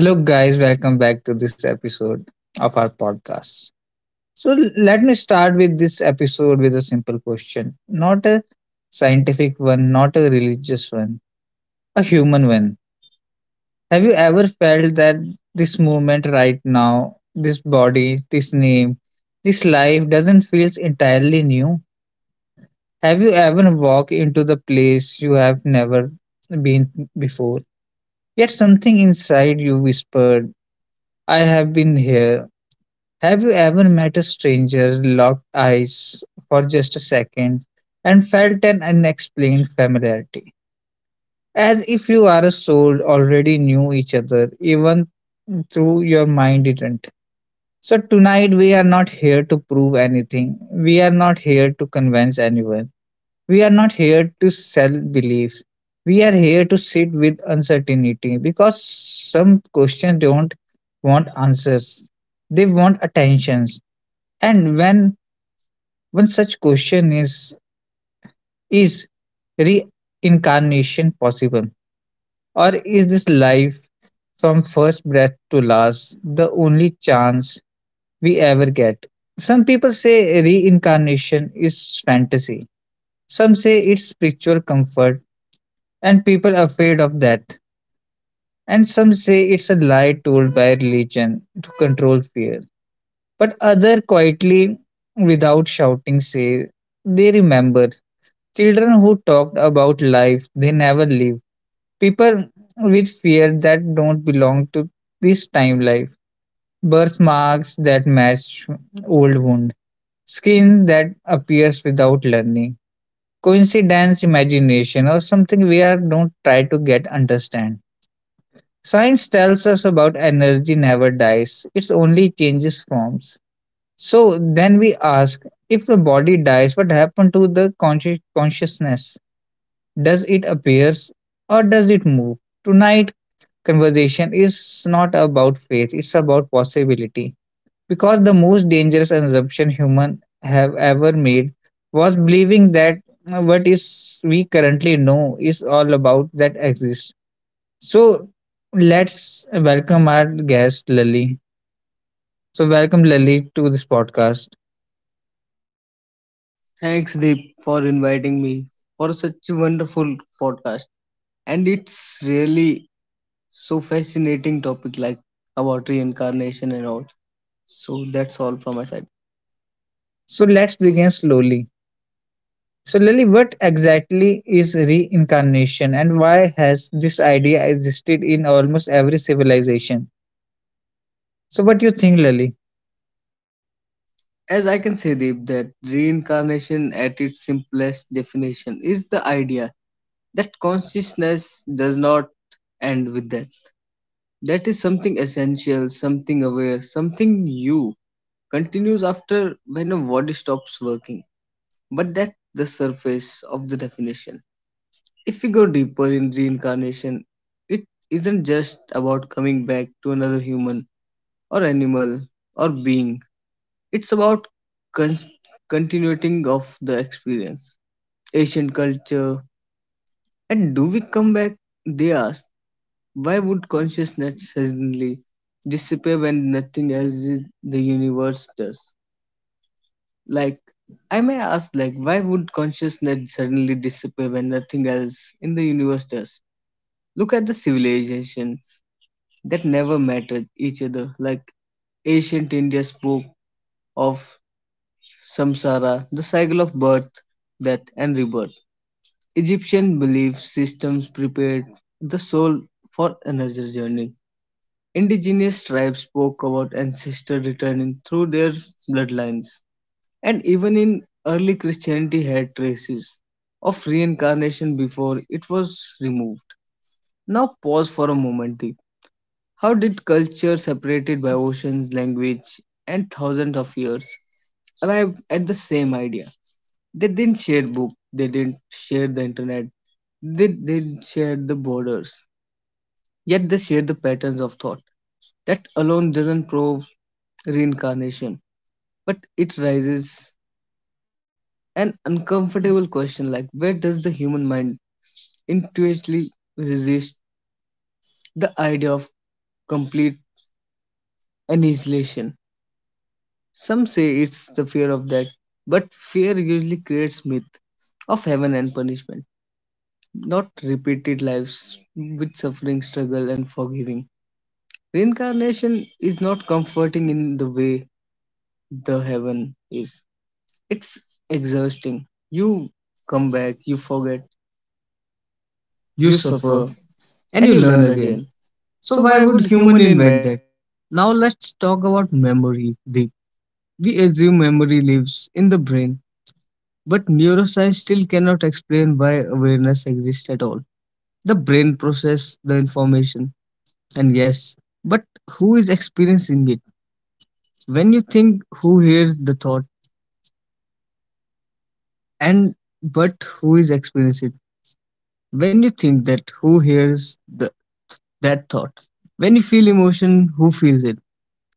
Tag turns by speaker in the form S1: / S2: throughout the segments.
S1: Hello, guys. Welcome back to this episode of our podcast. So, let me start with this episode with a simple question. Not a scientific one, not a religious one, a human one. Have you ever felt that this moment right now, this body, this name, this life doesn't feel entirely new? Have you ever walked into the place you have never been before? Yet something inside you whispered, I have been here. Have you ever met a stranger, locked eyes for just a second, and felt an unexplained familiarity? As if you are a soul already knew each other, even through your mind didn't. So, tonight we are not here to prove anything. We are not here to convince anyone. We are not here to sell beliefs. We are here to sit with uncertainty because some questions don't want answers, they want attention. And when one such question is reincarnation possible? Or is this life, from first breath to last, the only chance we ever get? Some people say reincarnation is fantasy. Some say it's spiritual comfort and people are afraid of that. And some say it's a lie told by religion to control fear. But other quietly, without shouting, say they remember. Children who talked about life they never live. People with fear that don't belong to this time life. Birthmarks that match old wound. Skin that appears without learning. Coincidence, imagination, or something we are don't try to get understand. Science tells us about energy never dies, it only changes forms. So then we ask, if the body dies, what happened to the consciousness? Does it appears or does it move? Tonight conversation is not about faith, it's about possibility. Because the most dangerous assumption human have ever made was believing that what is we currently know is all about that exists. So let's welcome our guest Lali. So welcome Lali to this podcast.
S2: Thanks, Deep, for inviting me for such a wonderful podcast. And it's really so fascinating topic like about reincarnation and all. So that's all from my side.
S1: So let's begin slowly. So, Lily, what exactly is reincarnation and why has this idea existed in almost every civilization? So, what do you think, Lily?
S2: As I can say, Deep, that reincarnation at its simplest definition is the idea that consciousness does not end with death. That is something essential, something aware, something you continues after when a body stops working. But that's the surface of the definition. If we go deeper in reincarnation, it isn't just about coming back to another human or animal or being. It's about con- continuing of the experience. Ancient culture and do we come back? They ask. Why would consciousness suddenly disappear when nothing else in the universe does? Like I may ask, like why would consciousness suddenly disappear when nothing else in the universe does? Look at the civilizations that never mattered each other. Like ancient India spoke of samsara, the cycle of birth, death, and rebirth. Egyptian belief systems prepared the soul for another journey. Indigenous tribes spoke about ancestors returning through their bloodlines. And even in early Christianity had traces of reincarnation before it was removed. Now pause for a moment. How did culture separated by oceans, language, and thousands of years arrive at the same idea? They didn't share book, they didn't share the internet, they didn't share the borders, yet they share the patterns of thought. That alone doesn't prove reincarnation, but it raises an uncomfortable question like where does the human mind intuitively resist the idea of complete annihilation? Some say it's the fear of that, but fear usually creates myth of heaven and punishment, not repeated lives with suffering, struggle, and forgiving. Reincarnation is not comforting in the way the heaven is. It's exhausting. You come back, you forget,
S1: You
S2: you suffer,
S1: suffer and you learn again. So why would human invent that? Now let's talk about memory, Deep. We assume memory lives in the brain, but neuroscience still cannot explain why awareness exists at all. The brain processes the information, and yes, but who is experiencing it? When you think, who hears the thought? And but who is experiencing it, when you think, that who hears the, that thought, when you feel emotion, who feels it?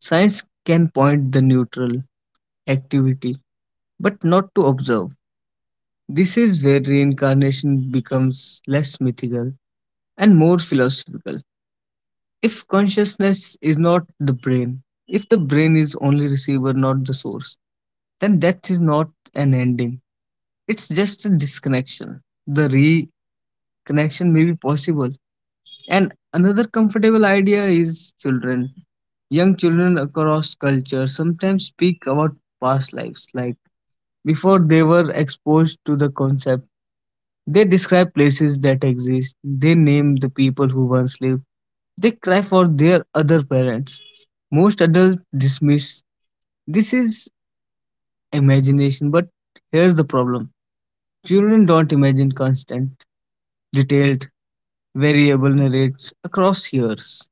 S1: Science can point the neutral activity but not to observe. This is where reincarnation becomes less mythical and more philosophical. If consciousness is not the brain, if the brain is only receiver, not the source, then death is not an ending, it's just a disconnection. The reconnection may be possible. And another comfortable idea is children. Young children across culture sometimes speak about past lives, like before they were exposed to the concept. They exist, they the people once lived, they their other parents. Most adults dismiss this is imagination, but here's the problem. Children imagine constant, detailed, variable narratives across years,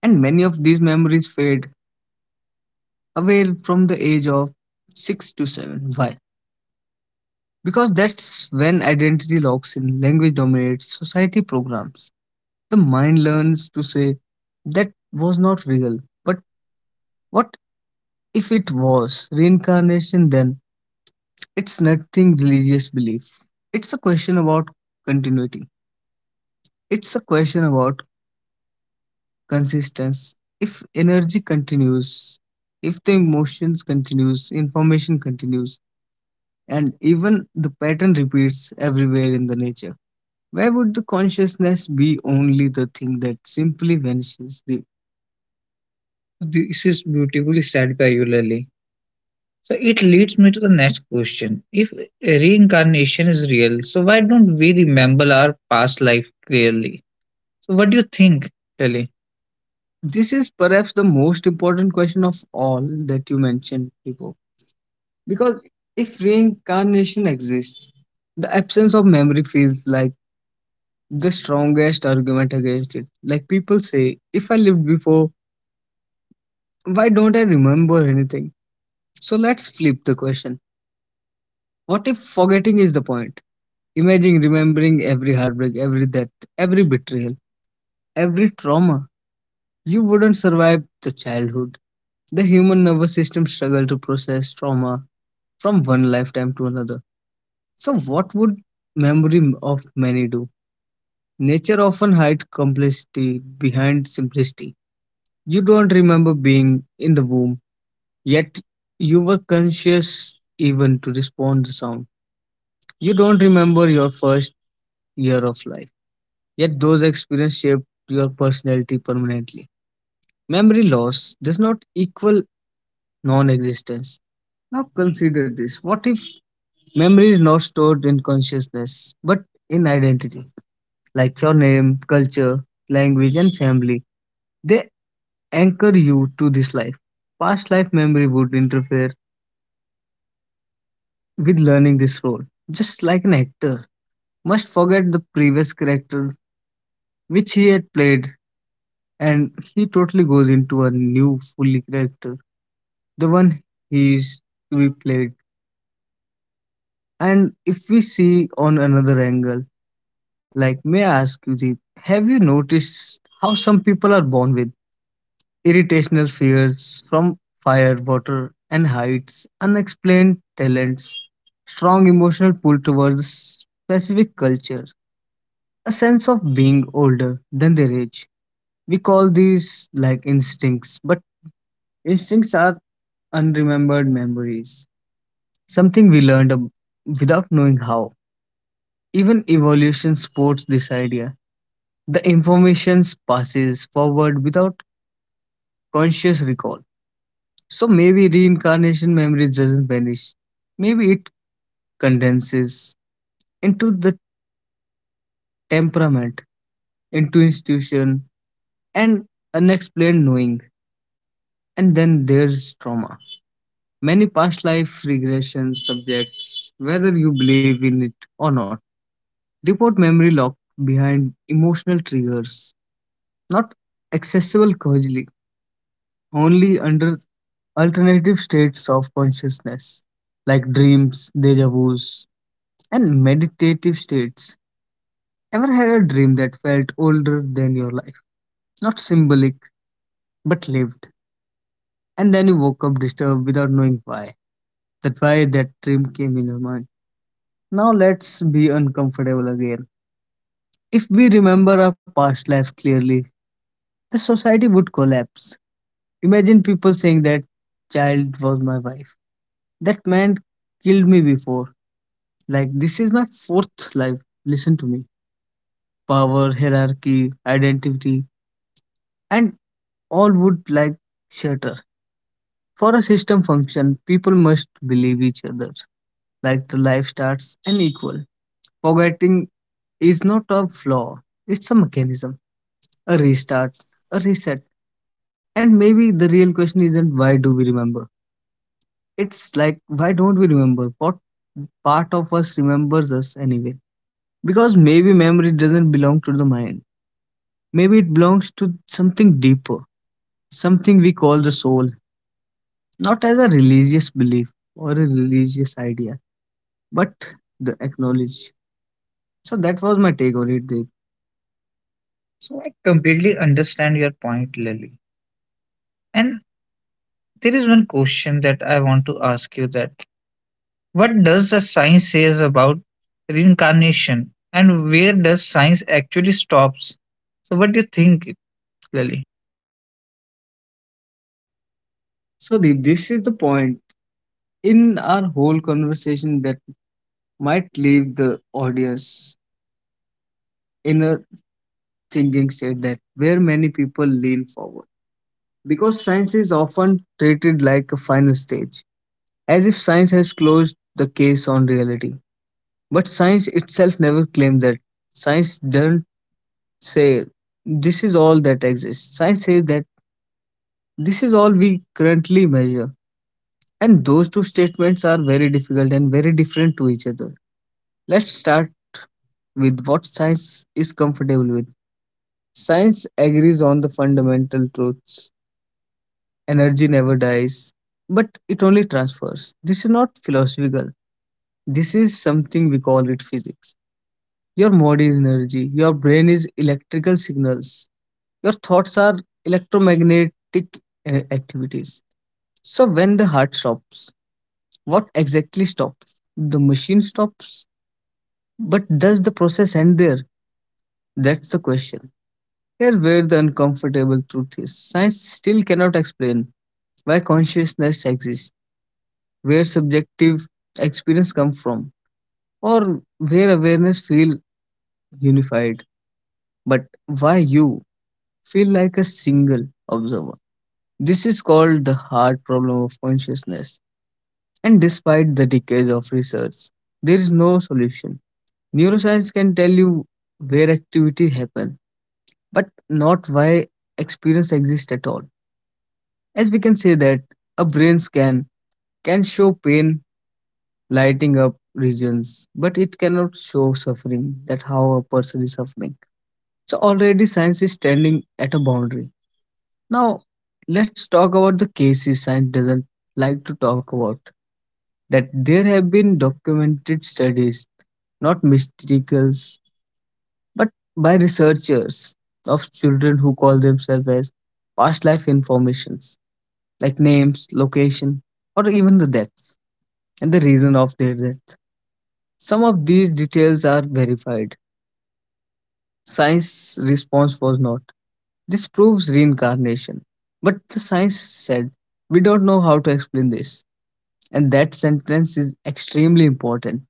S1: and many of these memories fade away from the age of 6 to 7. Why? Because that's when identity locks in, language dominates, society programs. The mind learns to say, that was not real. But what if it was? Reincarnation then? It's nothing religious belief. It's a question about continuity. It's a question about consistency. If energy continues, if the emotions continues, information continues, and even the pattern repeats everywhere in the nature. Why would the consciousness be only the thing that simply vanishes? The this is beautifully said by you, Lily. So it leads me to the next question. If reincarnation is real, so why don't we remember our past life clearly? So what do you think, Lily? This is perhaps the most important question of all that you mentioned before. Because if reincarnation exists, the absence of memory feels like the strongest argument against it. Like people say, if I lived before, why don't I remember anything? So let's flip the question. What if forgetting is the point? Imagine remembering every heartbreak, every death, every betrayal, every trauma. You wouldn't survive the childhood. The human nervous system struggle to process trauma from one lifetime to another. So what would memory of many do? Nature often hides complexity behind simplicity. You don't remember being in the womb, yet you were conscious even to respond to sound. You don't remember your first year of life, yet those experiences shaped your personality permanently. Memory loss does not equal non existence. Now consider this, what if memory is not stored in consciousness but in identity, like your name, culture, language, and family? They anchor you to this life. Past life memory would interfere with learning this role. Just like an actor must forget the previous character which he had played and he totally goes into a new fully character, the one he is to be played. And if we see on another angle, like, may I ask you, Deep, have you noticed how some people are born with irritational fears from fire, water and heights, unexplained talents, strong emotional pull towards specific culture? A sense of being older than their age. We call these like instincts, but instincts are unremembered memories, something we learned without knowing how. Even evolution supports this idea. The information passes forward without conscious recall. So maybe reincarnation memory doesn't vanish. Maybe it condenses into the temperament, into institution, and unexplained knowing. And then there's trauma. Many past life regression subjects, whether you believe in it or not, report memory locked behind emotional triggers, not accessible causally, only under alternative states of consciousness, like dreams, deja vus, and meditative states. Ever had a dream that felt older than your life? Not symbolic, but lived. And then you woke up disturbed without knowing why. That why that dream came in your mind. Now let's be uncomfortable again. If we remember our past life clearly, the society would collapse. Imagine people saying, that child was my wife. That man killed me before. Like, this is my fourth life. Listen to me. Power, hierarchy, identity, and all would like shatter. For a system function, people must believe each other. Like, the life starts unequal. Forgetting is not a flaw, it's a mechanism. A restart, a reset. And maybe the real question isn't why do we remember? It's like why don't we remember? What part of us remembers us anyway? Because maybe memory doesn't belong to the mind. Maybe it belongs to something deeper, something we call the soul, not as a religious belief or a religious idea, but the acknowledge. So that was my take on it, Deep. So I completely understand your point, Lily. And there is one question that I want to ask you, that what does the science says about reincarnation and where does science actually stops? So what do you think, Lily? So, Deep, this is the point in our whole conversation that might leave the audience in a changing state, that where many people lean forward. Because science is often treated like a final stage, as if science has closed the case on reality. But science itself never claimed that. Science doesn't say this is all that exists. Science says that this is all we currently measure. And those two statements are very difficult and very different to each other. Let's start with what science is comfortable with. Science agrees on the fundamental truths. Energy never dies, but it only transfers. This is not philosophical. This is something we call it physics. Your body is energy, your brain is electrical signals, your thoughts are electromagnetic activities. So when the heart stops, what exactly stops? The machine stops. But does the process end there? That's the question. Here's where the uncomfortable truth is. Science still cannot explain why consciousness exists, where subjective experience comes from, or where awareness feels unified. But why you feel like a single observer? This is called the hard problem of consciousness. And despite the decades of research, there is no solution. Neuroscience can tell you where activity happens, but not why experience exists at all. As we can say that a brain scan can show pain lighting up regions, but it cannot show suffering, that how a person is suffering. So already science is standing at a boundary. Now let's talk about the cases science doesn't like to talk about. That there have been documented studies, not mysticals, but by researchers of children who call themselves as past life informations, like names, location, or even the deaths and the reason of their death. Some of these details are verified. Science response was not, this proves reincarnation. But the science said, we don't know how to explain this. And that sentence is extremely important,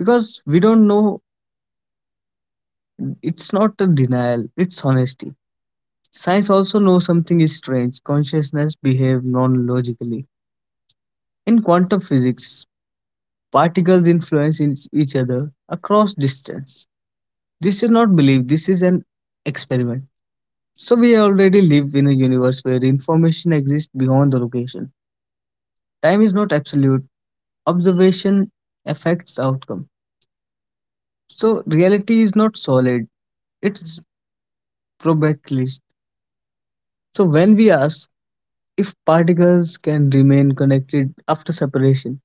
S1: because we don't know. It's not a denial, it's honesty. Science also knows something is strange. Consciousness behave non-logically. In quantum physics, particles influence each other across distance. This is not belief, this is an experiment. So we already live in a universe where information exists beyond the location. Time is not absolute. Observation affects outcome. So reality is not solid, it's probabilistic. So when we ask, if particles can remain connected after separation,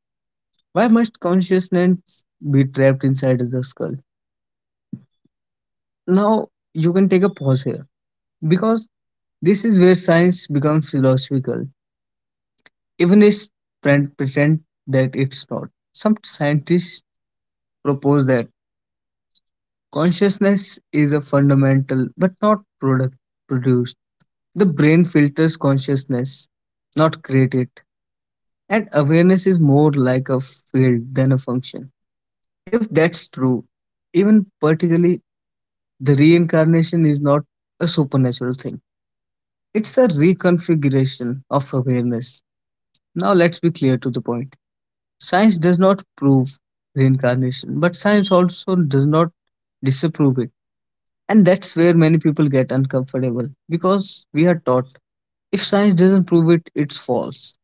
S1: why must consciousness be trapped inside the skull? Now, you can take a pause here because this is where science becomes philosophical, even if pretend that it's not. Some scientists propose that consciousness is a fundamental but not product produced. The brain filters consciousness, not create it, and awareness is more like a field than a function. If that's true, even particularly the reincarnation is not a supernatural thing. It's a reconfiguration of awareness. Now let's be clear to the point. Science does not prove reincarnation, but science also does not disapprove it. And that's where many people get uncomfortable because we are taught if science doesn't prove it, it's false.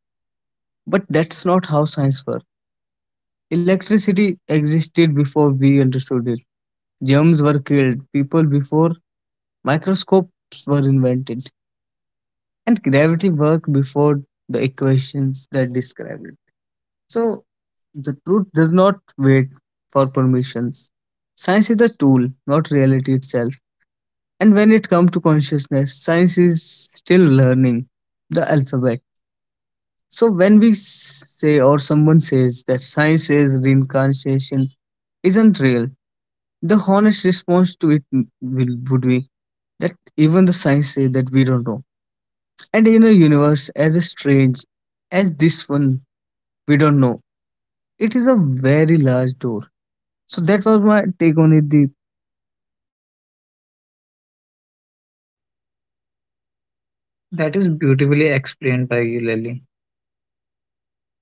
S1: But that's not how science works. Electricity existed before we understood it. Germs were killed, people before microscopes were invented, and gravity worked before the equations that describe it. So, the truth does not wait for permissions. Science is a tool, not reality itself. And when it comes to consciousness, science is still learning the alphabet. So, when we say, or someone says that science says reincarnation isn't real, the honest response to it would be that even the science say that we don't know. And in a universe as strange as this one, we don't know. It is a very large door. So that was my take on it, Deep. That is beautifully explained by you, Lily.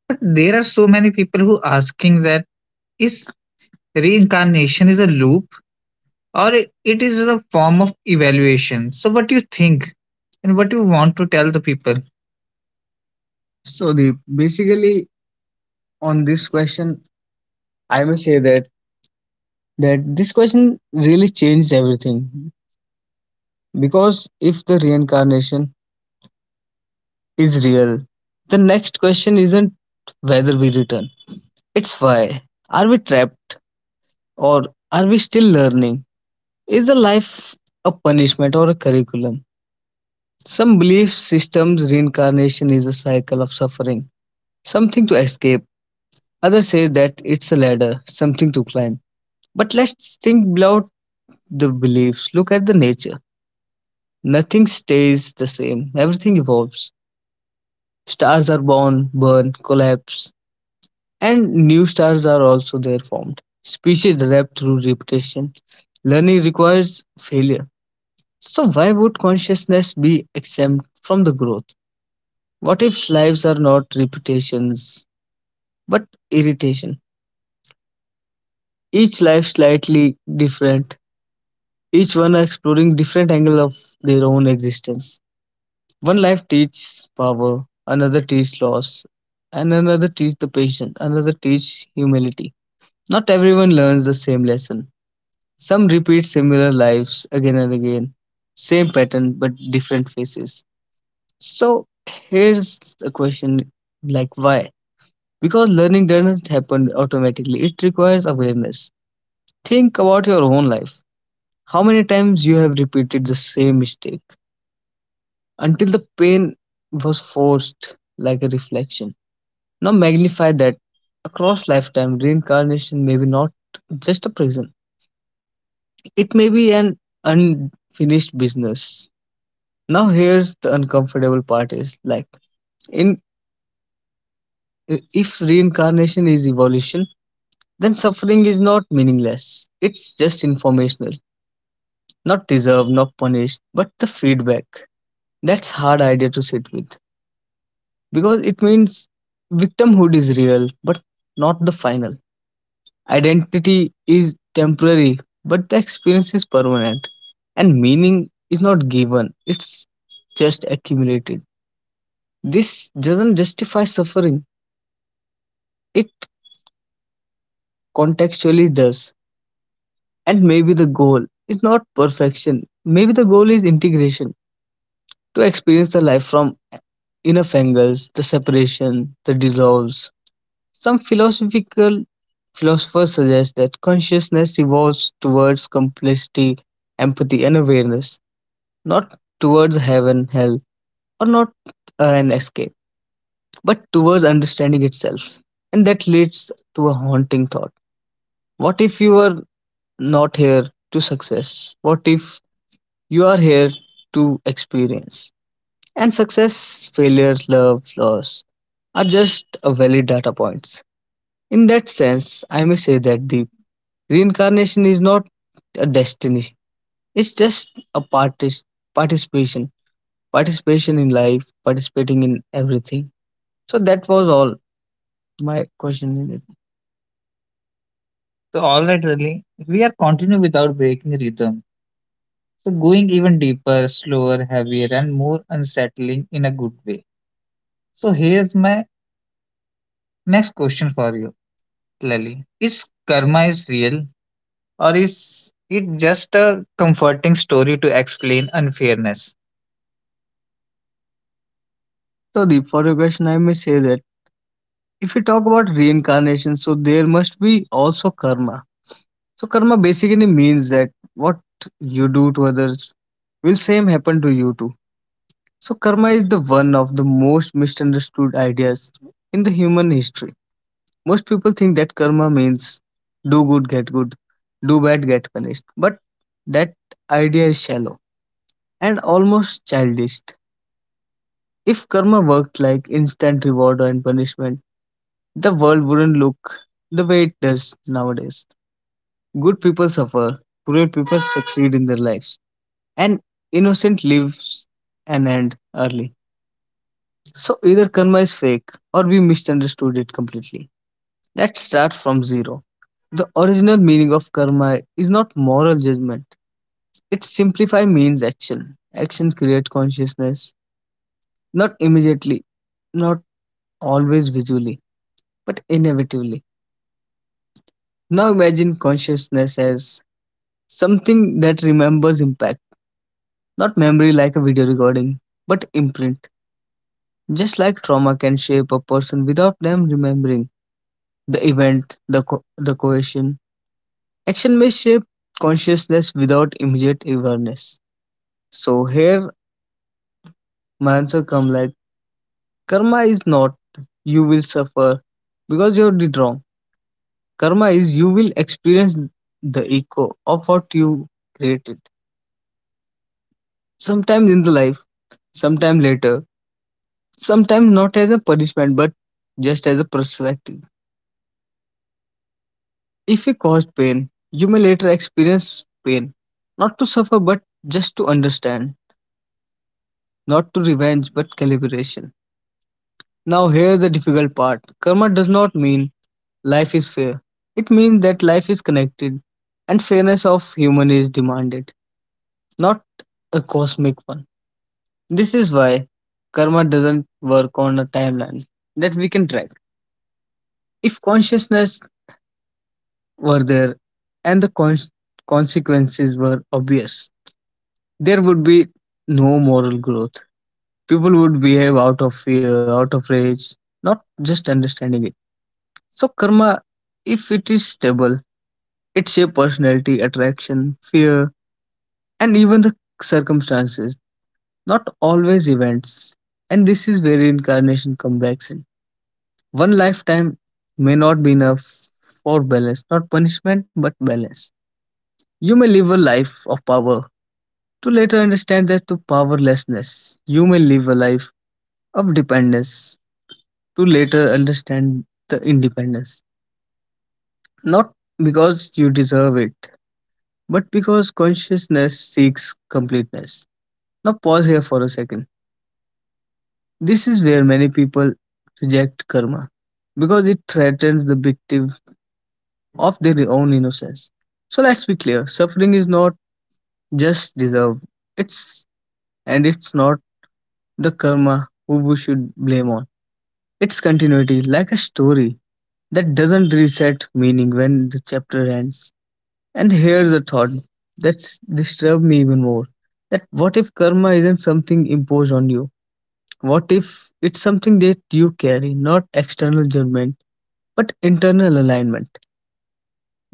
S1: But there are so many people who asking that is reincarnation is a loop or it is a form of evaluation. So what you think and what you want to tell the people? So the basically on this question, I may say that this question really changes everything because if the reincarnation is real. The next question isn't whether we return, it's why. Are we trapped or are we still learning? Is the life a punishment or a curriculum? Some belief systems reincarnation is a cycle of suffering, something to escape. Others say that it's a ladder, something to climb. But let's think beyond the beliefs. Look at the nature. Nothing stays the same, everything evolves. Stars are born, burn, collapse, and new stars are also there formed. Species develop through repetition. Learning requires failure. So, why would consciousness be exempt from the growth? What if lives are not repetitions but irritation? Each life slightly different, each one exploring different angle of their own existence. One life teaches power, another teaches loss, and another teaches the patience, another teaches humility. Not everyone learns the same lesson. Some repeat similar lives again and again, same pattern but different faces. So here's a question, like why? Because learning doesn't happen automatically, it requires awareness. Think about your own life. How many times you have repeated the same mistake until the pain was forced like a reflection. Now magnify that across lifetime reincarnation may be not just a prison. It may be an unfinished business. Now here's the uncomfortable part is like, in, if reincarnation is evolution, then suffering is not meaningless. It's just informational, not deserved, not punished, but the feedback. That's hard idea to sit with because it means victimhood is real, but not the final. Identity is temporary, but the experience is permanent, and meaning is not given. It's just accumulated. This doesn't justify suffering, it contextually does. And maybe the goal is not perfection. Maybe the goal is integration to experience the life from enough angles, the separation, the dissolves. Some philosophical philosophers suggest that consciousness evolves towards complexity, empathy, and awareness, not towards heaven, hell, or not an escape, but towards understanding itself. And that leads to a haunting thought. What if you were not here to success? What if you are here to experience. And success, failure, love, loss are just a valid data points. In that sense, I may say that the reincarnation is not a destiny. It's just a participation. Participation in life, participating in everything. So that was all my question in it. So, alright, really, we are continuing without breaking rhythm. So, going even deeper, slower, heavier, and more unsettling in a good way. So, here's my next question for you, Lily. Is karma is real or is it just a comforting story to explain unfairness? So, Deep, for your question, I may say that if we talk about reincarnation, so there must be also karma. So, karma basically means that what you do to others will same happen to you too. So, karma is the one of the most misunderstood ideas in the human history. Most people think that karma means do good, get good, do bad, get punished. But that idea is shallow and almost childish. If karma worked like instant reward and punishment, the world wouldn't look the way it does nowadays. Good people suffer, poor people succeed in their lives, and innocent lives an end early. So either karma is fake or we misunderstood it completely. Let's start from zero. The original meaning of karma is not moral judgment. It simplify means action. Action creates consciousness, not immediately, not always visually, but inevitably. Now imagine consciousness as something that remembers impact, not memory like a video recording, but imprint. Just like trauma can shape a person without them remembering the event, the coercion. Action may shape consciousness without immediate awareness. So here my answer come like, karma is not you will suffer because you did wrong. Karma is you will experience the echo of what you created. Sometimes in the life, sometime later, sometimes not as a punishment but just as a perspective. If you caused pain, you may later experience pain. Not to suffer but just to understand. Not to revenge but calibration. Now here's the difficult part. Karma does not mean life is fair. It means that life is connected and fairness of human is demanded, not a cosmic one. This is why karma doesn't work on a timeline that we can track. If consciousness were there and consequences were obvious, there would be no moral growth. People would behave out of fear, out of rage, not just understanding it. So, karma, if it is stable, it shapes personality, attraction, fear, and even the circumstances, not always events. And this is where reincarnation comes back in. One lifetime may not be enough for balance, not punishment, but balance. You may live a life of power to later understand that to powerlessness. You may live a life of dependence to later understand the independence. Not because you deserve it, but because consciousness seeks completeness. Now, pause here for a second. This is where many people reject karma because it threatens the victim of their own innocence. So let's be clear, suffering is not just deserved, it's, and it's not the karma who we should blame on. It's continuity, like a story that doesn't reset meaning when the chapter ends. And here's a thought that's disturbed me even more, that what if karma isn't something imposed on you? What if it's something that you carry, not external judgment, but internal alignment?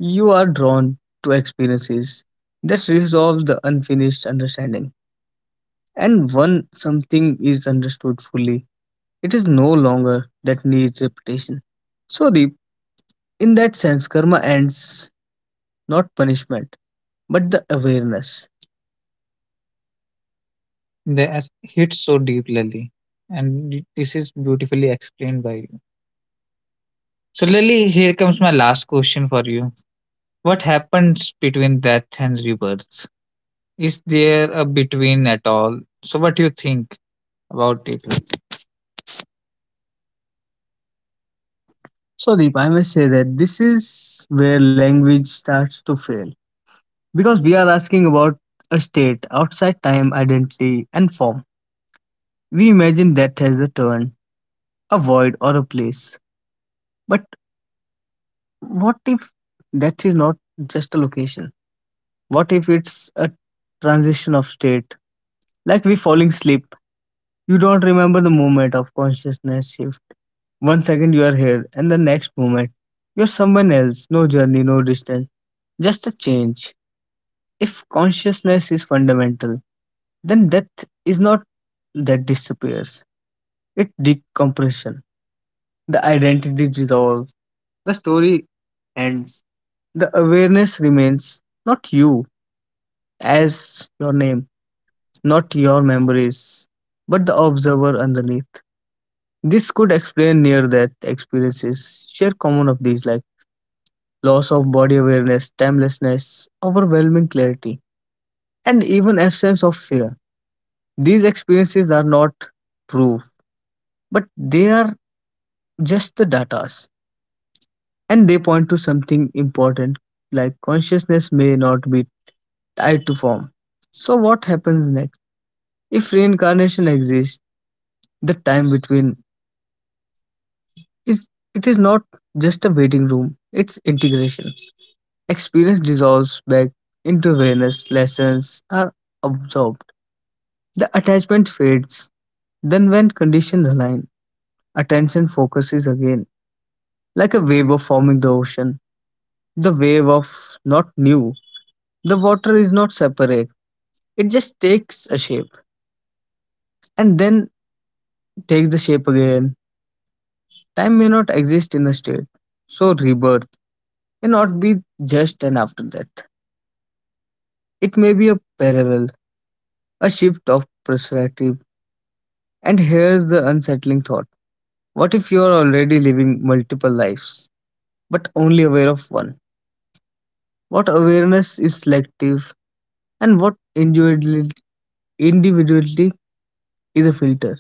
S1: You are drawn to experiences that resolve the unfinished understanding. And when something is understood fully, it is no longer that needs repetition. So, Deep, in that sense, karma ends, not punishment, but the awareness. That hits so deep, Lily. And this is beautifully explained by you. So, Lily, here comes my last question for you. What happens between death and rebirth? Is there a between at all? So, what do you think about it? So, Deep, I must say that this is where language starts to fail because we are asking about a state outside time, identity, and form. We imagine death as a turn, a void, or a place. But what if death is not just a location? What if it's a transition of state? Like we falling asleep, you don't remember the moment of consciousness shift. One second you are here, and the next moment you're someone else. No journey, no distance, just a change. If consciousness is fundamental, then death is not that disappears, it decompression. The identity dissolves, the story ends, the awareness remains, not you as your name, not your memories, but the observer underneath. This could explain near death experiences, share common of these lives, loss of body awareness, timelessness, overwhelming clarity, and even absence of fear. These experiences are not proof, but they are just the datas, and they point to something important, like consciousness may not be tied to form. So what happens next? If reincarnation exists, the time between is is not just a waiting room, it's integration. Experience dissolves back into awareness, lessons are absorbed. The attachment fades. Then, when conditions align, attention focuses again, like a wave of forming the ocean. The wave of not new. The water is not separate, it just takes a shape and then takes the shape again. Time may not exist in a state, so rebirth may not be just an after death. It may be a parallel, a shift of perspective. And here's the unsettling thought: what if you are already living multiple lives, but only aware of one? What awareness is selective, and what individuality is a filter.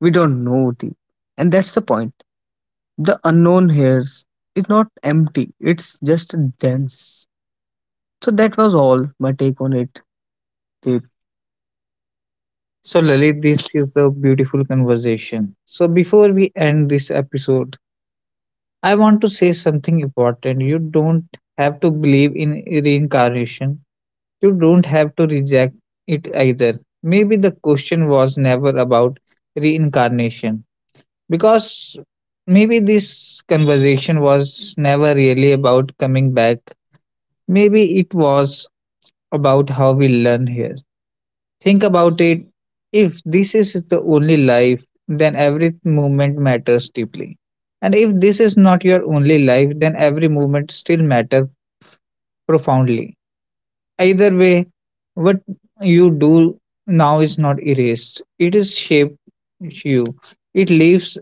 S1: We don't know the, and that's the point. The unknown here is not empty; it's just dense. So that was all my take on it. Deep. So, Lalit, this is a beautiful conversation. So, before we end this episode, I want to say something important. You don't have to believe in reincarnation. You don't have to reject it either. Maybe the question was never about reincarnation, because maybe this conversation was never really about coming back. Maybe it was about how we learn here. Think about it. If this is the only life, then every moment matters deeply. And if this is not your only life, then every moment still matters profoundly. Either way, what you do now is not erased, it is shaped you, it leaves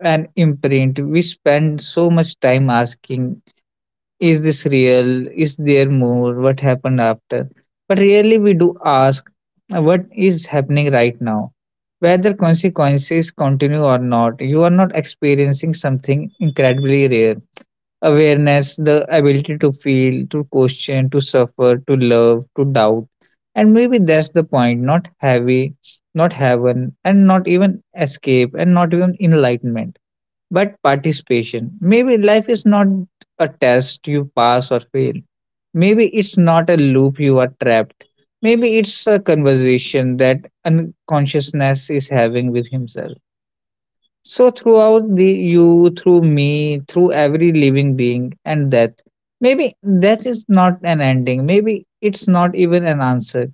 S1: an imprint. We spend so much time asking, is this real, is there more, what happened after, but rarely we do ask, what is happening right now. Whether consequences continue or not, you are not experiencing something incredibly rare: awareness, the ability to feel, to question, to suffer, to love, to doubt. And maybe that's the point. Not heavy, not heaven, and not even escape, and not even enlightenment, but participation. Maybe life is not a test you pass or fail. Maybe it's not a loop you are trapped. Maybe it's a conversation that unconsciousness is having with himself, so throughout the you, through me, through every living being and death. Maybe death is not an ending. Maybe it's not even an answer.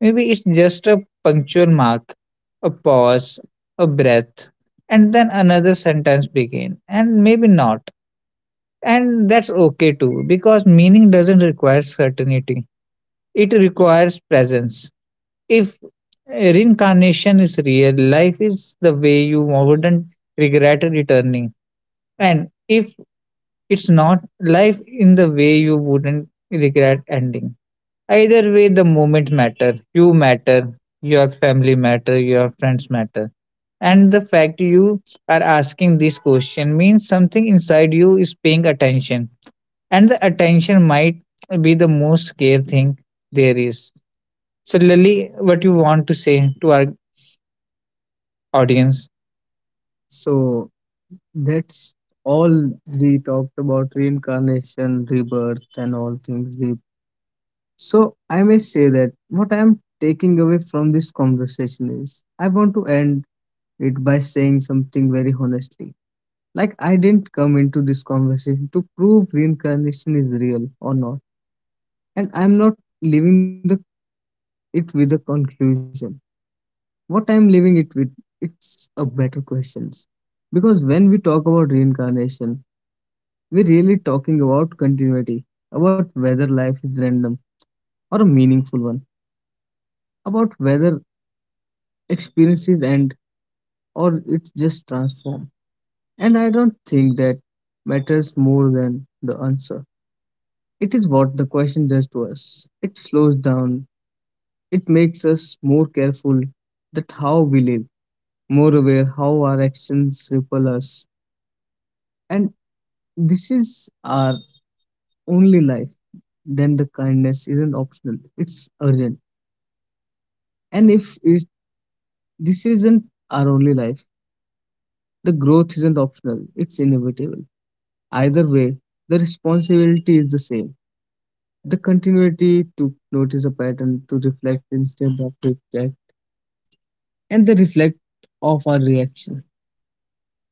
S1: Maybe it's just a punctual mark, a pause, a breath, and then another sentence begin, and maybe not. And that's okay too, because meaning doesn't require certainty. It requires presence. If reincarnation is real, life is the way you wouldn't regret returning. And if it's not, life in the way you wouldn't regret ending. Either way, the moment matter. You matter, your family matter, your friends matter. And the fact you are asking this question means something inside you is paying attention. And the attention might be the most scary thing there is. So, Lily, what you want to say to our audience? So that's all. We talked about reincarnation, rebirth, and all things. We. So I may say that what I am taking away from this conversation is I want to end it by saying something very honestly. Like, I didn't come into this conversation to prove reincarnation is real or not. And I'm not leaving the it with a conclusion. What I'm leaving it with, it's a better questions. Because when we talk about reincarnation, we're really talking about continuity, about whether life is random or a meaningful one, about whether experiences end or it's just transform. And I don't think that matters more than the answer. It is what the question does to us. It slows down. It makes us more careful that how we live, more aware how our actions ripple us. And this is our only life. Then the kindness isn't optional. It's urgent. And if it, this isn't our only life, the growth isn't optional. It's inevitable. Either way, the responsibility is the same. The continuity to notice a pattern, to reflect instead of react, and the reflect of our reaction.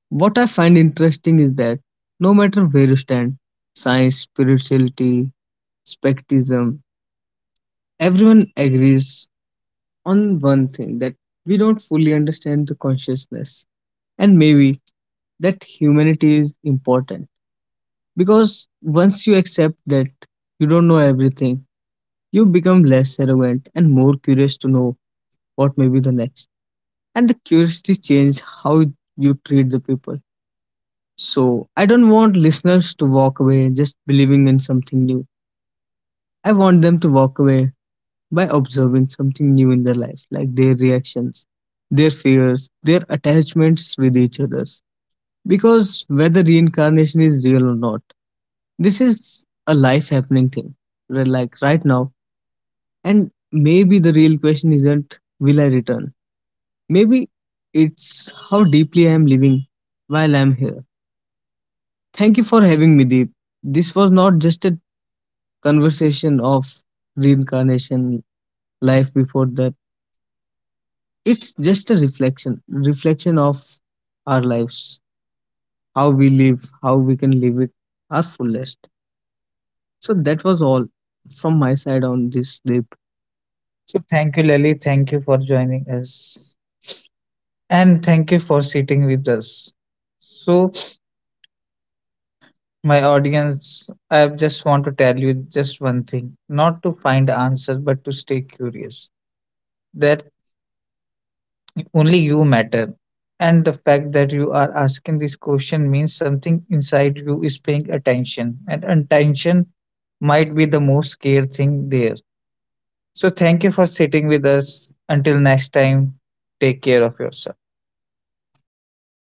S1: What I find interesting is that no matter where you stand, science, spirituality, spectism, everyone agrees on one thing, that we don't fully understand the consciousness, and maybe that humanity is important, because once you accept that you don't know everything, you become less arrogant and more curious to know what may be the next. And the curiosity change how you treat the people. So I don't want listeners to walk away just believing in something new. I want them to walk away by observing something new in their life, like their reactions, their fears, their attachments with each others. Because whether reincarnation is real or not, this is a life happening thing. Like right now. And maybe the real question isn't, will I return? Maybe it's how deeply I am living while I'm here. Thank you for having me, Deep. This was not just a conversation of reincarnation, life before that. It's just a reflection, reflection of our lives, how we live, how we can live it our fullest. So that was all from my side on this, Deep. So thank you, Lily. Thank you for joining us. And thank you for sitting with us. So, my audience, I just want to tell you just one thing, not to find answers, but to stay curious. That only you matter. And the fact that you are asking this question means something inside you is paying attention, and attention might be the most scared thing there. So, thank you for sitting with us. Until next time, take care of yourself.